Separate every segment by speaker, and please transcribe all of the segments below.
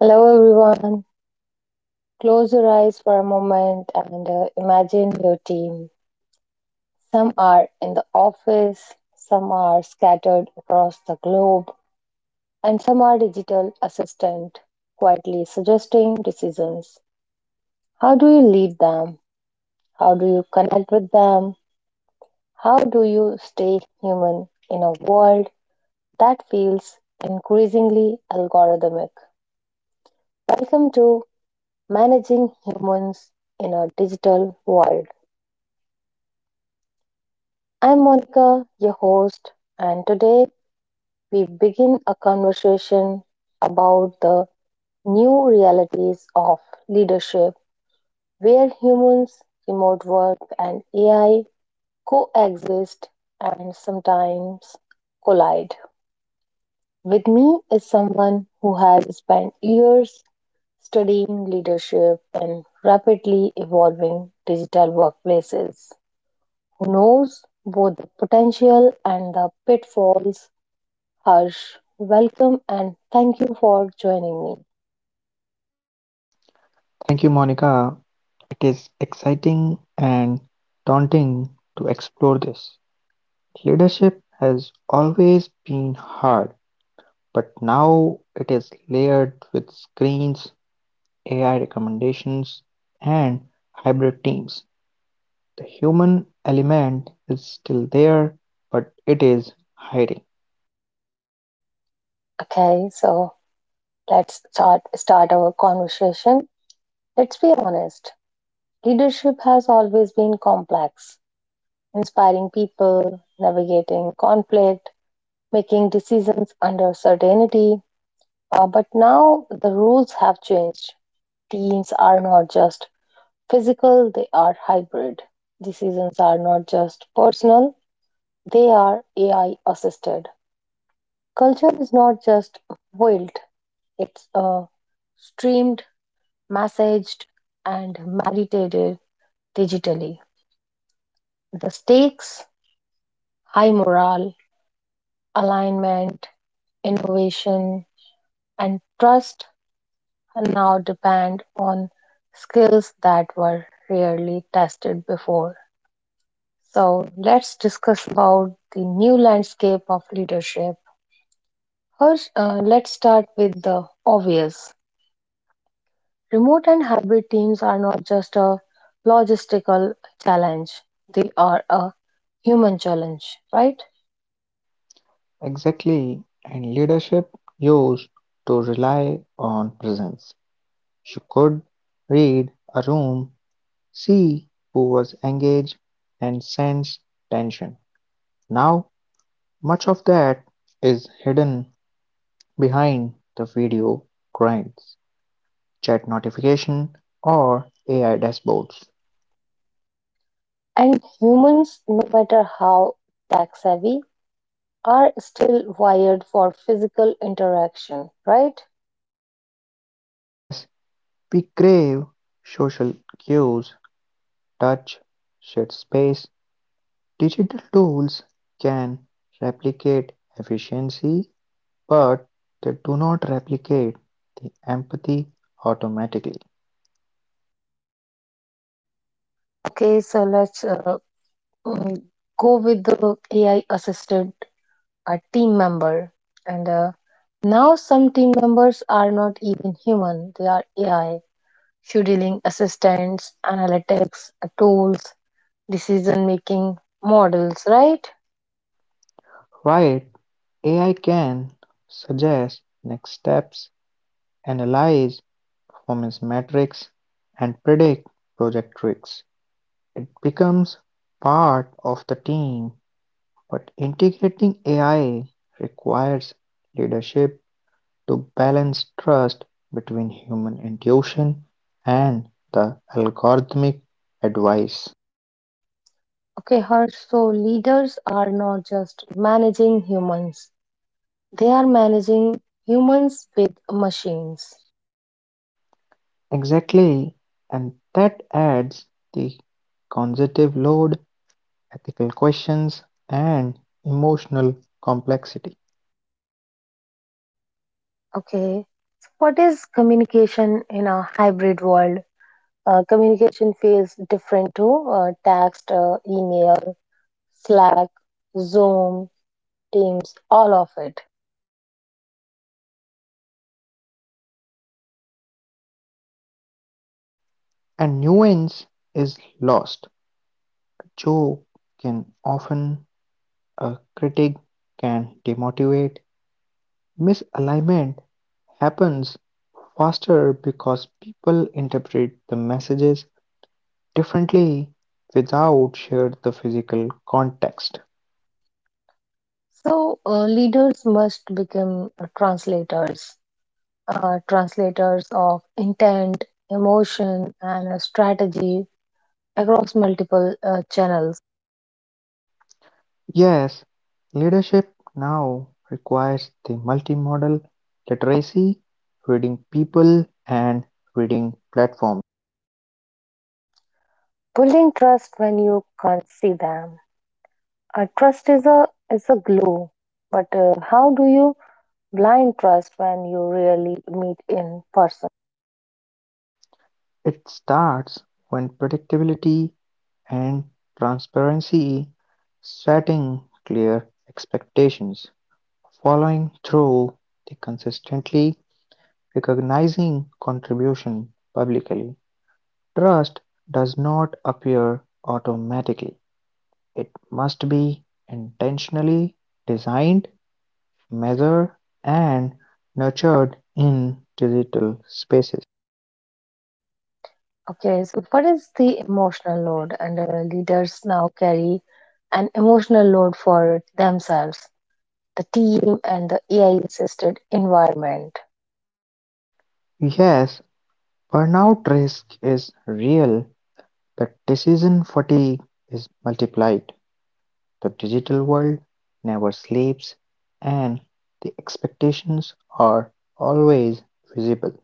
Speaker 1: Hello, everyone. Close your eyes for a moment and imagine your team. Some are in the office, some are scattered across the globe, and some are digital assistant quietly suggesting decisions. How do you lead them? How do you connect with them? How do you stay human in a world that feels increasingly algorithmic? Welcome to Managing Humans in a Digital World. I'm Monica, your host, and today we begin a conversation about the new realities of leadership where humans, remote work, and AI coexist and sometimes collide. With me is someone who has spent years studying leadership in rapidly evolving digital workplaces, who knows both the potential and the pitfalls. Harsh, welcome and thank you for joining me.
Speaker 2: Thank you, Monica. It is exciting and daunting to explore this. Leadership has always been hard, but now it is layered with screens, AI recommendations, and hybrid teams. The human element is still there, but it is hiding.
Speaker 1: Okay, so let's start our conversation. Let's be honest. Leadership has always been complex, inspiring people, navigating conflict, making decisions under certainty. But now the rules have changed. Teams are not just physical, they are hybrid. Decisions are not just personal, they are AI assisted. Culture is not just boiled; it's streamed, massaged, and meditated digitally. The stakes, high morale, alignment, innovation, and trust now depend on skills that were rarely tested before. So let's discuss about the new landscape of leadership. First, let's start with the obvious. Remote and hybrid teams are not just a logistical challenge, they are a human challenge, right?
Speaker 2: Exactly, and leadership used to rely on presence. You could read a room. See, who was engaged and sensed tension. Now, much of that is hidden behind the video grinds, chat notification, or AI dashboards.
Speaker 1: And humans, no matter how tech savvy, are still wired for physical interaction, right?
Speaker 2: Yes, we crave social cues, touch, shared space. Digital tools can replicate efficiency, but they do not replicate the empathy automatically.
Speaker 1: Okay, so let's uh, mm, go with the AI assisted team member. And now some team members are not even human, they are AI scheduling assistants, analytics, tools, decision making models, right?
Speaker 2: Right, AI can suggest next steps, analyze performance metrics, and predict project risks. It becomes part of the team, but integrating AI requires leadership to balance trust between human intuition and the algorithmic advice.
Speaker 1: Okay, Harsh. So leaders are not just managing humans, they are managing humans with machines.
Speaker 2: Exactly, and that adds the cognitive load, ethical questions, and emotional complexity.
Speaker 1: Okay, what is communication in a hybrid world? Communication feels different to text, email, Slack, Zoom, Teams, all of it.
Speaker 2: And nuance is lost. A joke can often, a critic can demotivate. Misalignment happens faster because people interpret the messages differently without shared the physical context.
Speaker 1: So, leaders must become translators of intent, emotion, and a strategy across multiple channels.
Speaker 2: Yes, leadership now requires the multimodal literacy, reading people and reading platforms.
Speaker 1: Building trust when you can't see them. Trust is a glue, but how do you blind trust when you really meet in person?
Speaker 2: It starts when predictability and transparency, setting clear expectations, following through the consistently, recognizing contribution publicly. Trust does not appear automatically. It must be intentionally designed, measured, and nurtured in digital spaces.
Speaker 1: Okay, so what is the emotional load? And leaders now carry an emotional load for themselves, the team, and the AI assisted environment.
Speaker 2: Yes, burnout risk is real, but decision fatigue is multiplied. The digital world never sleeps, and the expectations are always visible.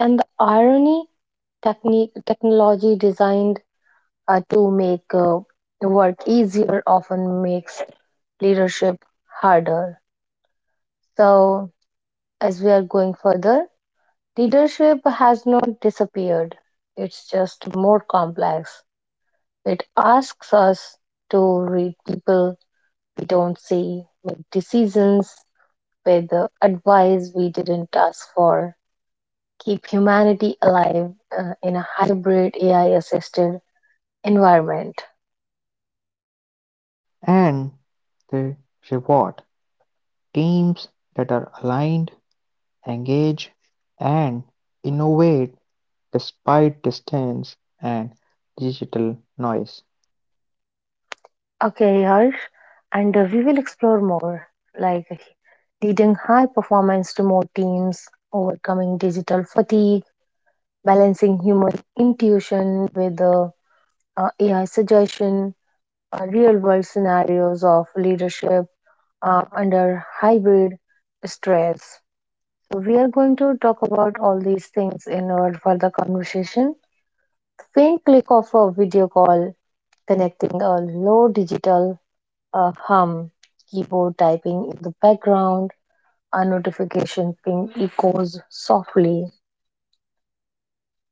Speaker 1: And the irony. Technology designed to make the work easier often makes leadership harder. So, as we are going further, leadership has not disappeared, it's just more complex. It asks us to read people we don't see, make decisions with the advice we didn't ask for, keep humanity alive in a hybrid AI assisted environment.
Speaker 2: And the reward, teams that are aligned, engaged, and innovate despite distance and digital noise.
Speaker 1: Okay, Harsh, and we will explore more, like leading high performance to more teams, overcoming digital fatigue, balancing human intuition with AI suggestion, real world scenarios of leadership under hybrid stress. So we are going to talk about all these things in our further conversation. Faint click of a video call, connecting a low digital a hum, keyboard typing in the background, a notification ping echoes softly.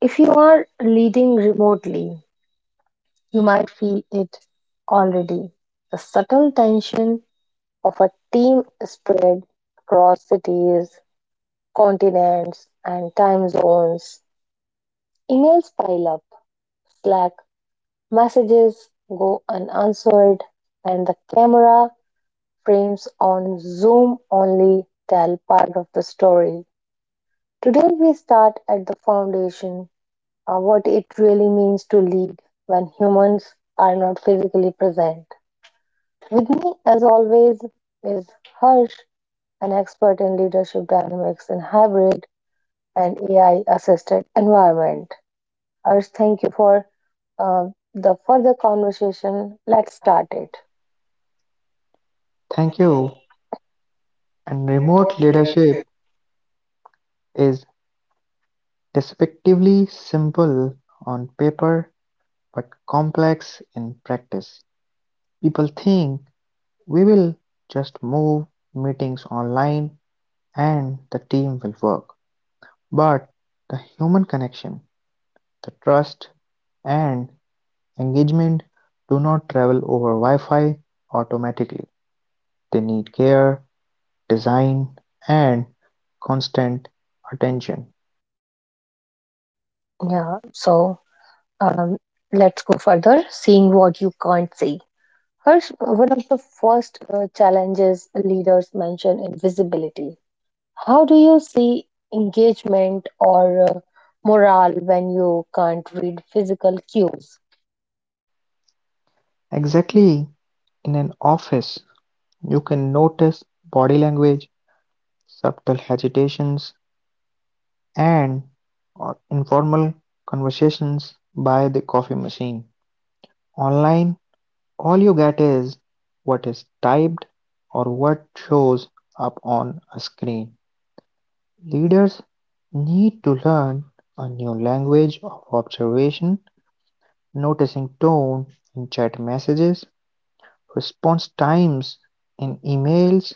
Speaker 1: If you are leading remotely, you might feel it already. The subtle tension of a team spread across cities, continents, and time zones. Emails pile up, Slack messages go unanswered, and the camera frames on Zoom only tell part of the story. Today, we start at the foundation of what it really means to lead when humans are not physically present. With me, as always, is Harsh, an expert in leadership dynamics in hybrid and AI assisted environment. Harsh, thank you for uh, the further conversation. Let's start it.
Speaker 2: Thank you. And remote leadership is despectively simple on paper but complex in practice. People think we will just move meetings online and the team will work. But the human connection, the trust, and engagement do not travel over Wi Fi automatically. They need care, design and constant attention.
Speaker 1: Yeah, so um, let's go further seeing what you can't see. Harsh, one of the first challenges leaders mention is visibility. How do you see engagement or morale when you can't read physical cues?
Speaker 2: Exactly. In an office, you can notice body language, subtle hesitations, and informal conversations by the coffee machine. Online, all you get is what is typed or what shows up on a screen. Leaders need to learn a new language of observation. Noticing tone in chat messages, response times in emails,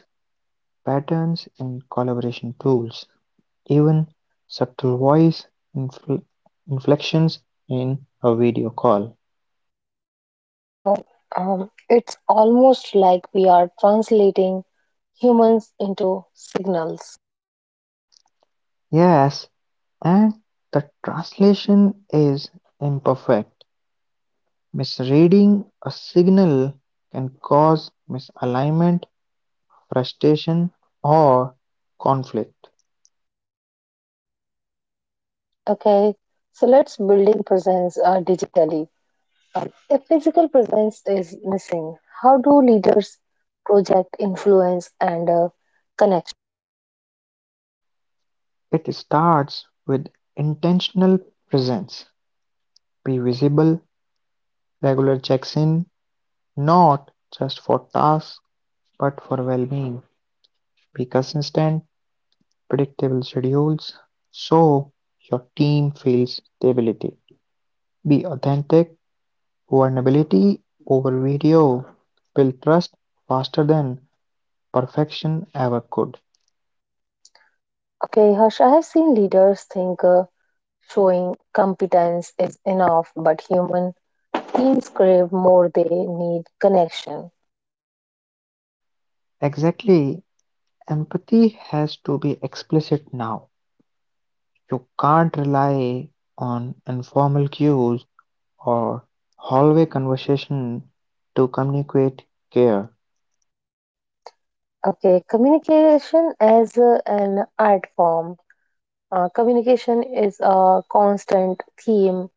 Speaker 2: patterns in collaboration tools, even subtle voice infl inflections in a video call.
Speaker 1: So it's almost like we are translating humans into signals.
Speaker 2: Yes, and the translation is imperfect. Misreading a signal can cause misalignment, frustration, or conflict.
Speaker 1: Okay, so let's building presence digitally. If physical presence is missing, how do leaders project influence and connection?
Speaker 2: It starts with intentional presence: be visible, regular checks-in, not just for tasks but for well-being, be consistent, predictable schedules so your team feels stability, be authentic, vulnerability over video, build trust faster than perfection ever could.
Speaker 1: Okay, Harsh, I have seen leaders think showing competence is enough, but human teams crave more, they need connection.
Speaker 2: Exactly, empathy has to be explicit now. You can't rely on informal cues or hallway conversation to communicate care.
Speaker 1: Okay, communication as an art form. Communication is a constant theme.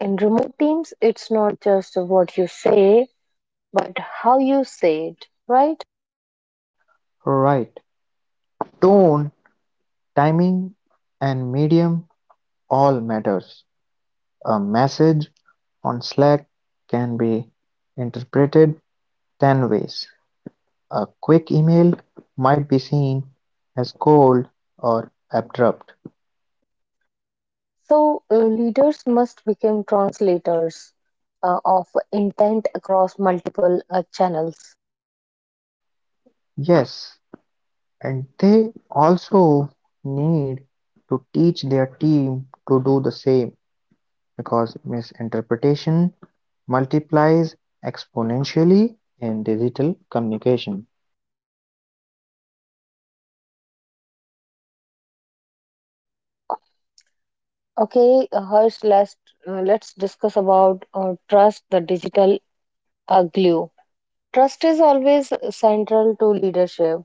Speaker 1: In remote teams, it's not just what you say, but how you say it, right?
Speaker 2: Right? Tone, timing, and medium all matters. A message on Slack can be interpreted 10 ways. A quick email might be seen as cold or abrupt.
Speaker 1: So leaders must become translators of intent across multiple channels.
Speaker 2: Yes, and they also need to teach their team to do the same because misinterpretation multiplies exponentially in digital communication.
Speaker 1: Okay, Harsh, let's discuss about trust, the digital glue. Trust is always central to leadership,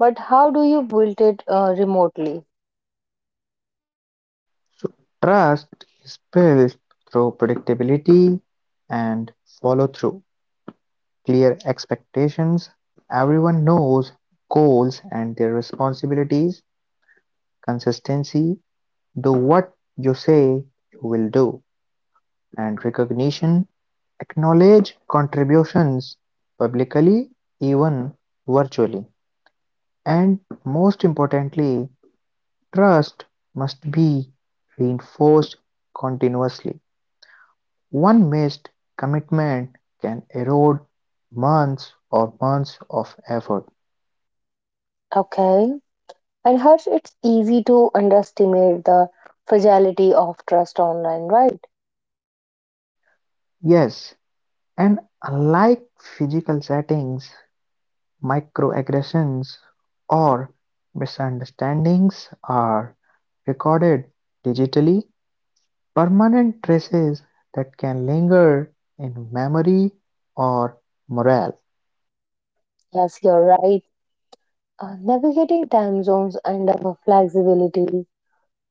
Speaker 1: but how do you build it remotely?
Speaker 2: So, trust is built through predictability and follow through, clear expectations, everyone knows goals and their responsibilities, consistency, do what you say you will do, and recognition, acknowledge contributions publicly, even virtually, and most importantly, trust must be reinforced continuously. One missed commitment can erode months or months of effort.
Speaker 1: Okay, and Harsh, it's easy to underestimate the fragility of trust online, right?
Speaker 2: Yes, and unlike physical settings, microaggressions or misunderstandings are recorded digitally, permanent traces that can linger in memory or morale.
Speaker 1: Yes, you're right. Navigating time zones and flexibility.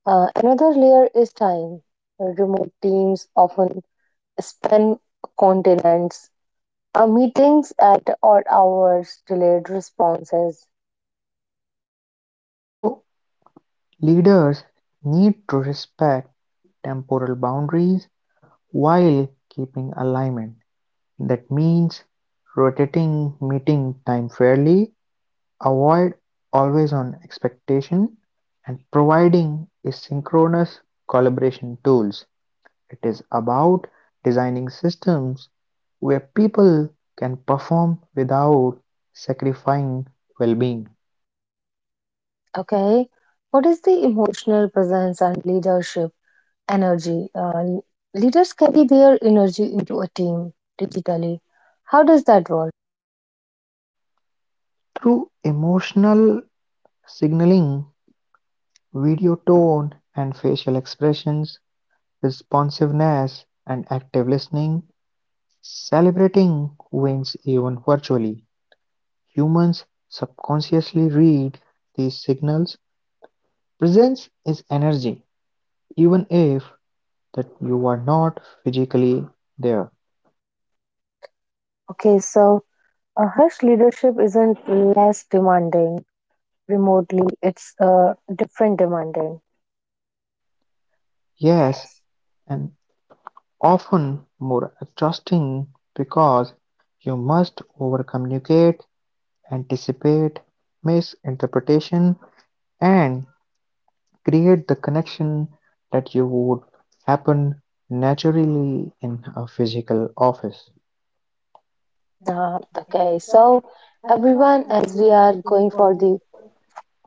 Speaker 1: Another layer is time. Remote teams often span continents, meetings at odd hours, delayed responses.
Speaker 2: So, leaders need to respect temporal boundaries while keeping alignment. That means rotating meeting time fairly, avoid always-on expectation and providing a synchronous collaboration tools. It is about designing systems where people can perform without sacrificing well-being.
Speaker 1: Okay, what is the emotional presence and leadership energy? Leaders carry their energy into a team digitally. How does that work?
Speaker 2: Through emotional signaling, video tone and facial expressions, responsiveness and active listening, celebrating wins even virtually. Humans subconsciously read these signals; presence is energy, even if that you are not physically there.
Speaker 1: Okay, so Harsh, leadership isn't less demanding remotely, it's different demanding.
Speaker 2: Yes, and often more exhausting because you must overcommunicate, anticipate misinterpretation, and create the connection that you would happen naturally in a physical office.
Speaker 1: Okay, so everyone, as we are going for the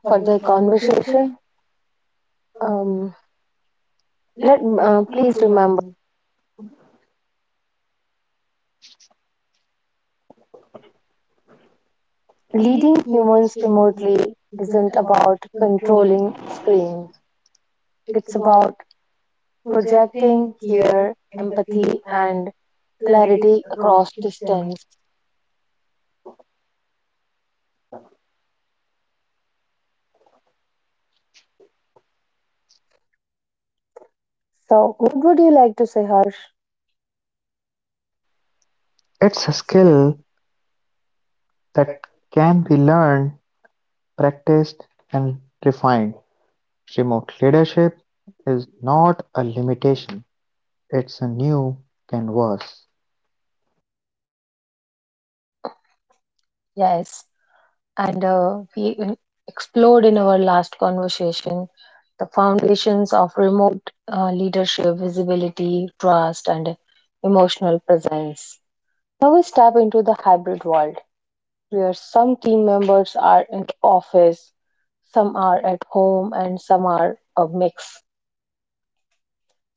Speaker 1: for the conversation, um, let please remember, leading humans remotely isn't about controlling screens. It's about projecting care, empathy, and clarity across distance. So, what would you like to say, Harsh?
Speaker 2: It's a skill that can be learned, practiced and refined. Remote leadership is not a limitation, it's a new canvas.
Speaker 1: Yes. and we in- explored in our last conversation the foundations of remote leadership, visibility, trust, and emotional presence. Now we step into the hybrid world where some team members are in the office, some are at home, and some are a mix.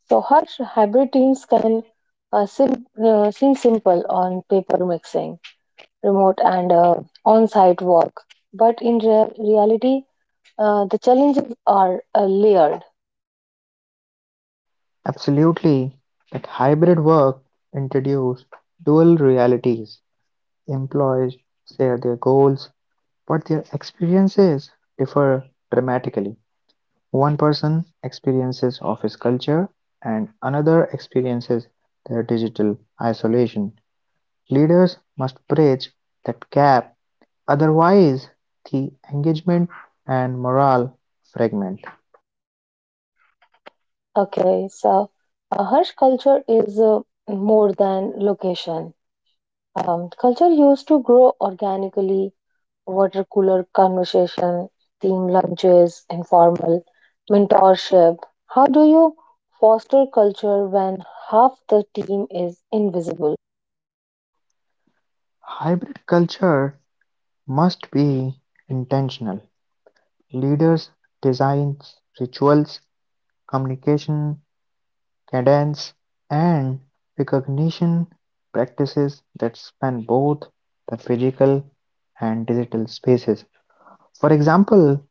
Speaker 1: So, Harsh, hybrid teams can seem simple on paper mixing, remote and on site work, but in reality, the challenges are layered.
Speaker 2: Absolutely, that hybrid work introduced dual realities. Employees share their goals, but their experiences differ dramatically. One person experiences office culture, and another experiences their digital isolation. Leaders must bridge that gap. Otherwise, the engagement and morale fragment.
Speaker 1: Okay, so Harsh, culture is more than location. Culture used to grow organically, water cooler conversation, team lunches, informal mentorship. How do you foster culture when half the team is invisible?
Speaker 2: Hybrid culture must be intentional. Leaders design rituals, communication, cadence, and recognition practices that span both the physical and digital spaces. For example,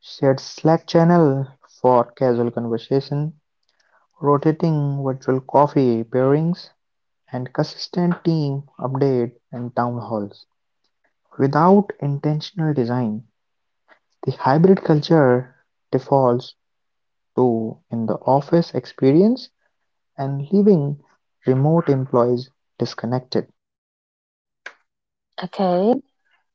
Speaker 2: shared Slack channel for casual conversation, rotating virtual coffee pairings, and consistent team update and town halls. Without intentional design, the hybrid culture defaults to in the office experience and leaving remote employees disconnected.
Speaker 1: Okay,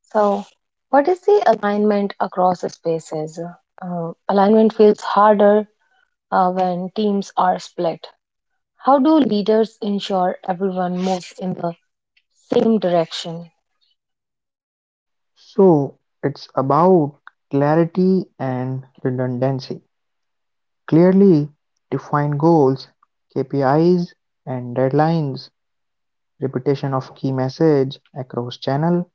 Speaker 1: so what is the alignment across spaces? Alignment feels harder when teams are split. How do leaders ensure everyone moves in the same direction?
Speaker 2: So it's about clarity and redundancy. Clearly defined goals, KPIs and deadlines, repetition of key message across channel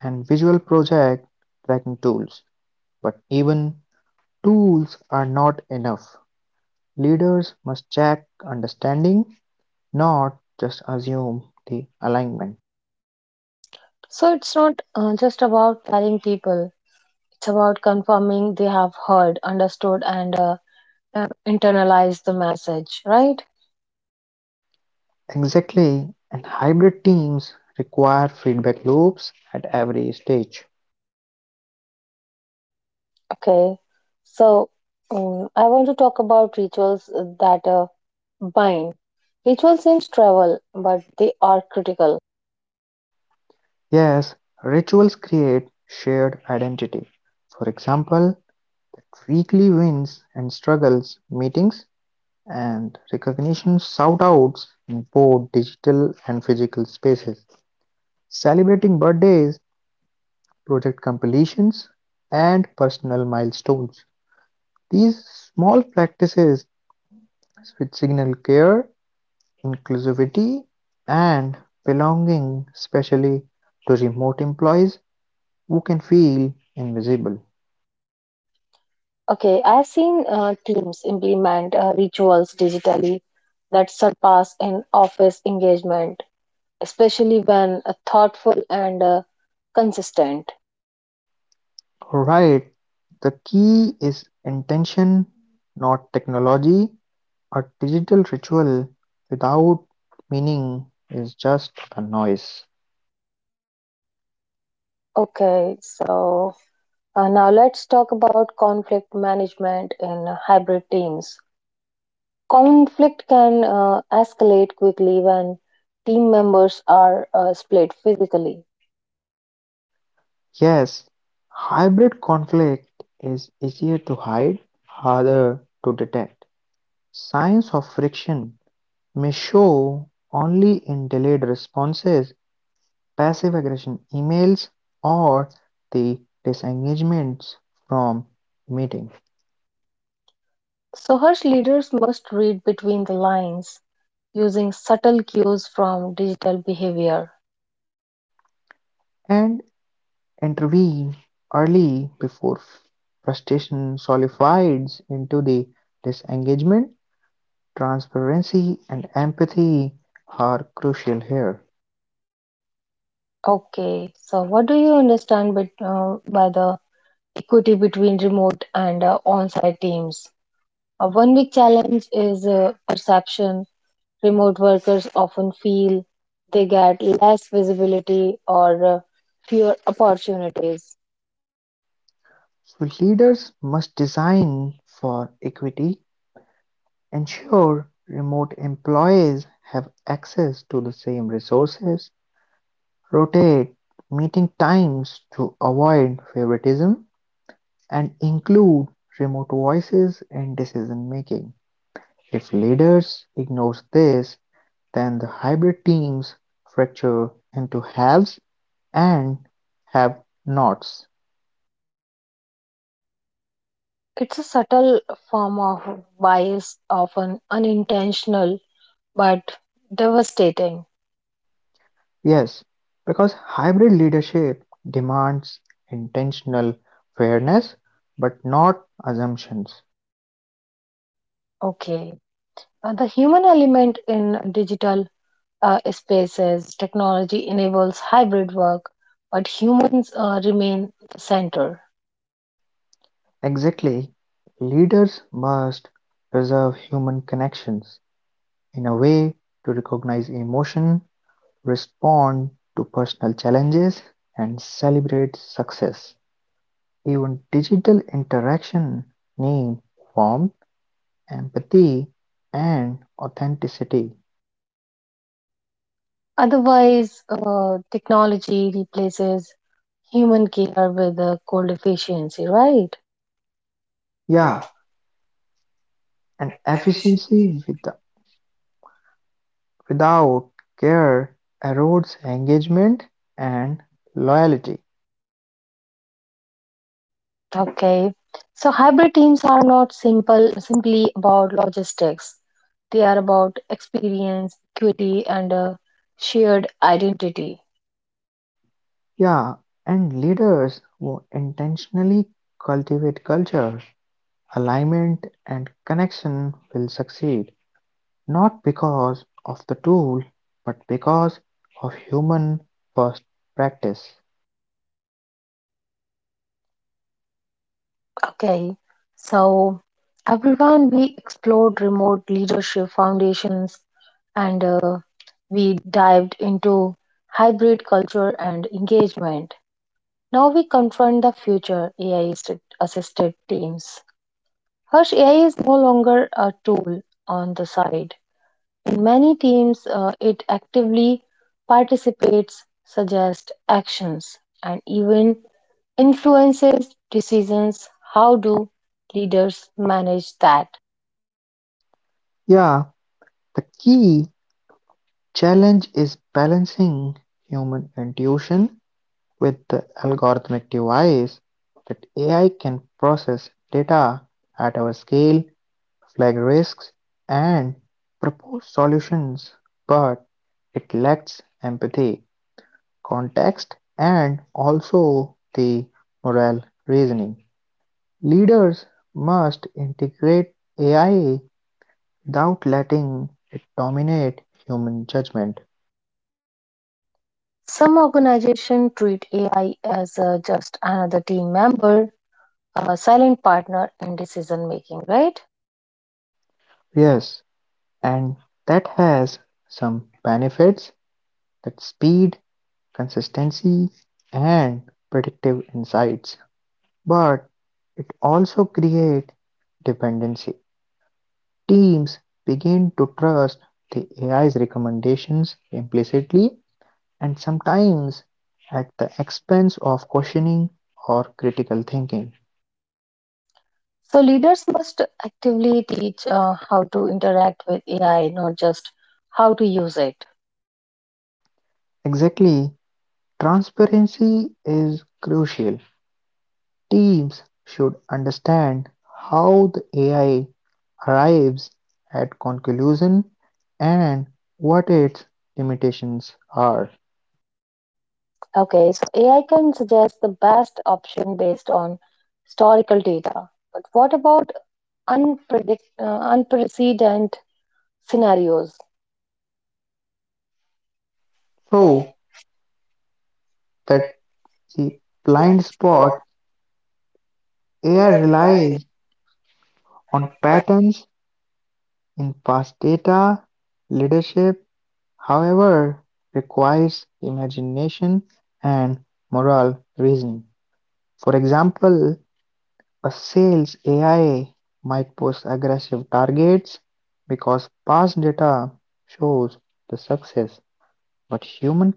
Speaker 2: and visual project tracking tools. But even tools are not enough; leaders must check understanding, not just assume the alignment.
Speaker 1: So it's not just about telling people, it's about confirming they have heard, understood, and internalized the message, right?
Speaker 2: Exactly, and hybrid teams require feedback loops at every stage.
Speaker 1: Okay. So I want to talk about rituals that bind. Rituals seems travel, but they are critical.
Speaker 2: Yes, rituals create shared identity. For example, at weekly wins and struggles meetings and recognition shout outs in both digital and physical spaces. Celebrating birthdays, project completions, and personal milestones. These small practices which signal care, inclusivity, and belonging, especially to remote employees who can feel invisible.
Speaker 1: Okay, I've seen teams implement rituals digitally that surpass an office engagement, especially when thoughtful and consistent.
Speaker 2: Alright, the key is intention, not technology. A digital ritual without meaning is just a noise.
Speaker 1: Okay, so now let's talk about conflict management in hybrid teams. Conflict can escalate quickly when team members are split physically.
Speaker 2: Yes, hybrid conflict is easier to hide, harder to detect. Signs of friction may show only in delayed responses, passive aggression emails, or the disengagements from meeting.
Speaker 1: So, Harsh, leaders must read between the lines using subtle cues from digital behavior.
Speaker 2: And intervene early before frustration solidifies into the disengagement. Transparency and empathy are crucial here.
Speaker 1: Okay, so what do you understand by the equity between remote and on site teams? A one big challenge is perception. Remote workers often feel they get less visibility or fewer opportunities.
Speaker 2: So leaders must design for equity, ensure remote employees have access to the same resources, rotate meeting times to avoid favoritism, and include remote voices in decision making. If leaders ignore this, then the hybrid teams fracture into haves and have nots.
Speaker 1: It's a subtle form of bias, often unintentional but devastating.
Speaker 2: Yes, because hybrid leadership demands intentional fairness but not assumptions.
Speaker 1: Okay. The human element in digital spaces, technology enables hybrid work, but humans remain the center.
Speaker 2: Exactly, leaders must preserve human connections in a way to recognize emotion, respond to personal challenges, and celebrate success. Even digital interaction need warmth, empathy, and authenticity.
Speaker 1: Otherwise, technology replaces human care with cold efficiency, right?
Speaker 2: Yeah, and efficiency with, without care, erodes engagement and loyalty.
Speaker 1: Okay. So hybrid teams are not simple simply about logistics. They are about experience, equity, and a shared identity.
Speaker 2: Yeah, and leaders who intentionally cultivate culture, alignment, and connection will succeed, not because of the tool, but because of human first practice.
Speaker 1: Okay. So everyone, we explored remote leadership foundations and we dived into hybrid culture and engagement. Now we confront the future AI assisted teams. Harsh, AI is no longer a tool on the side. In many teams, it actively participates, suggests actions, and even influences decisions. How do leaders manage that?
Speaker 2: Yeah, the key challenge is balancing human intuition with the algorithmic device that AI can process data at our scale, flag risks, and propose solutions, but it lacks empathy, context, and also the moral reasoning. Leaders must integrate AI without letting it dominate human judgment.
Speaker 1: Some organizations treat AI as just another team member, a silent partner in decision making, right?
Speaker 2: Yes, and that has some benefits, that speed, consistency and predictive insights, but it also creates dependency. Teams begin to trust the AI's recommendations implicitly and sometimes at the expense of questioning or critical thinking.
Speaker 1: So leaders must actively teach how to interact with AI, not just how to use it.
Speaker 2: Exactly, transparency is crucial. Teams should understand how the AI arrives at conclusion and what its limitations are,
Speaker 1: Okay, so AI can suggest the best option based on historical data. But what about unprecedented scenarios?
Speaker 2: so that the blind spot, AI relies on patterns in past data. Leadership, however, requires imagination and moral reasoning. For example, a sales AI might post aggressive targets because past data shows the success, but humans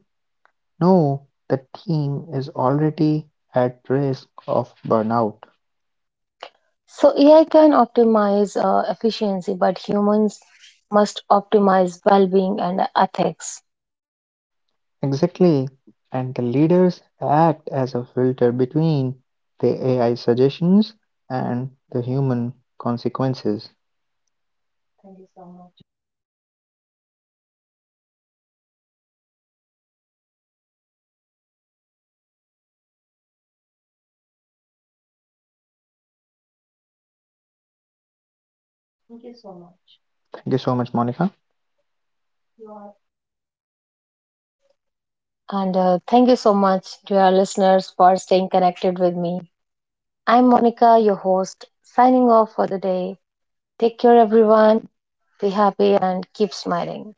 Speaker 2: know the team is already at risk of burnout.
Speaker 1: So AI can optimize efficiency, but humans must optimize well-being and ethics.
Speaker 2: Exactly, and the leaders act as a filter between the AI suggestions and the human consequences. Thank you so much, Monica.
Speaker 1: Um, and thank you so much to our listeners for staying connected with me. I'm Monica, your host, signing off for the day. Take care, everyone. Be happy and keep smiling.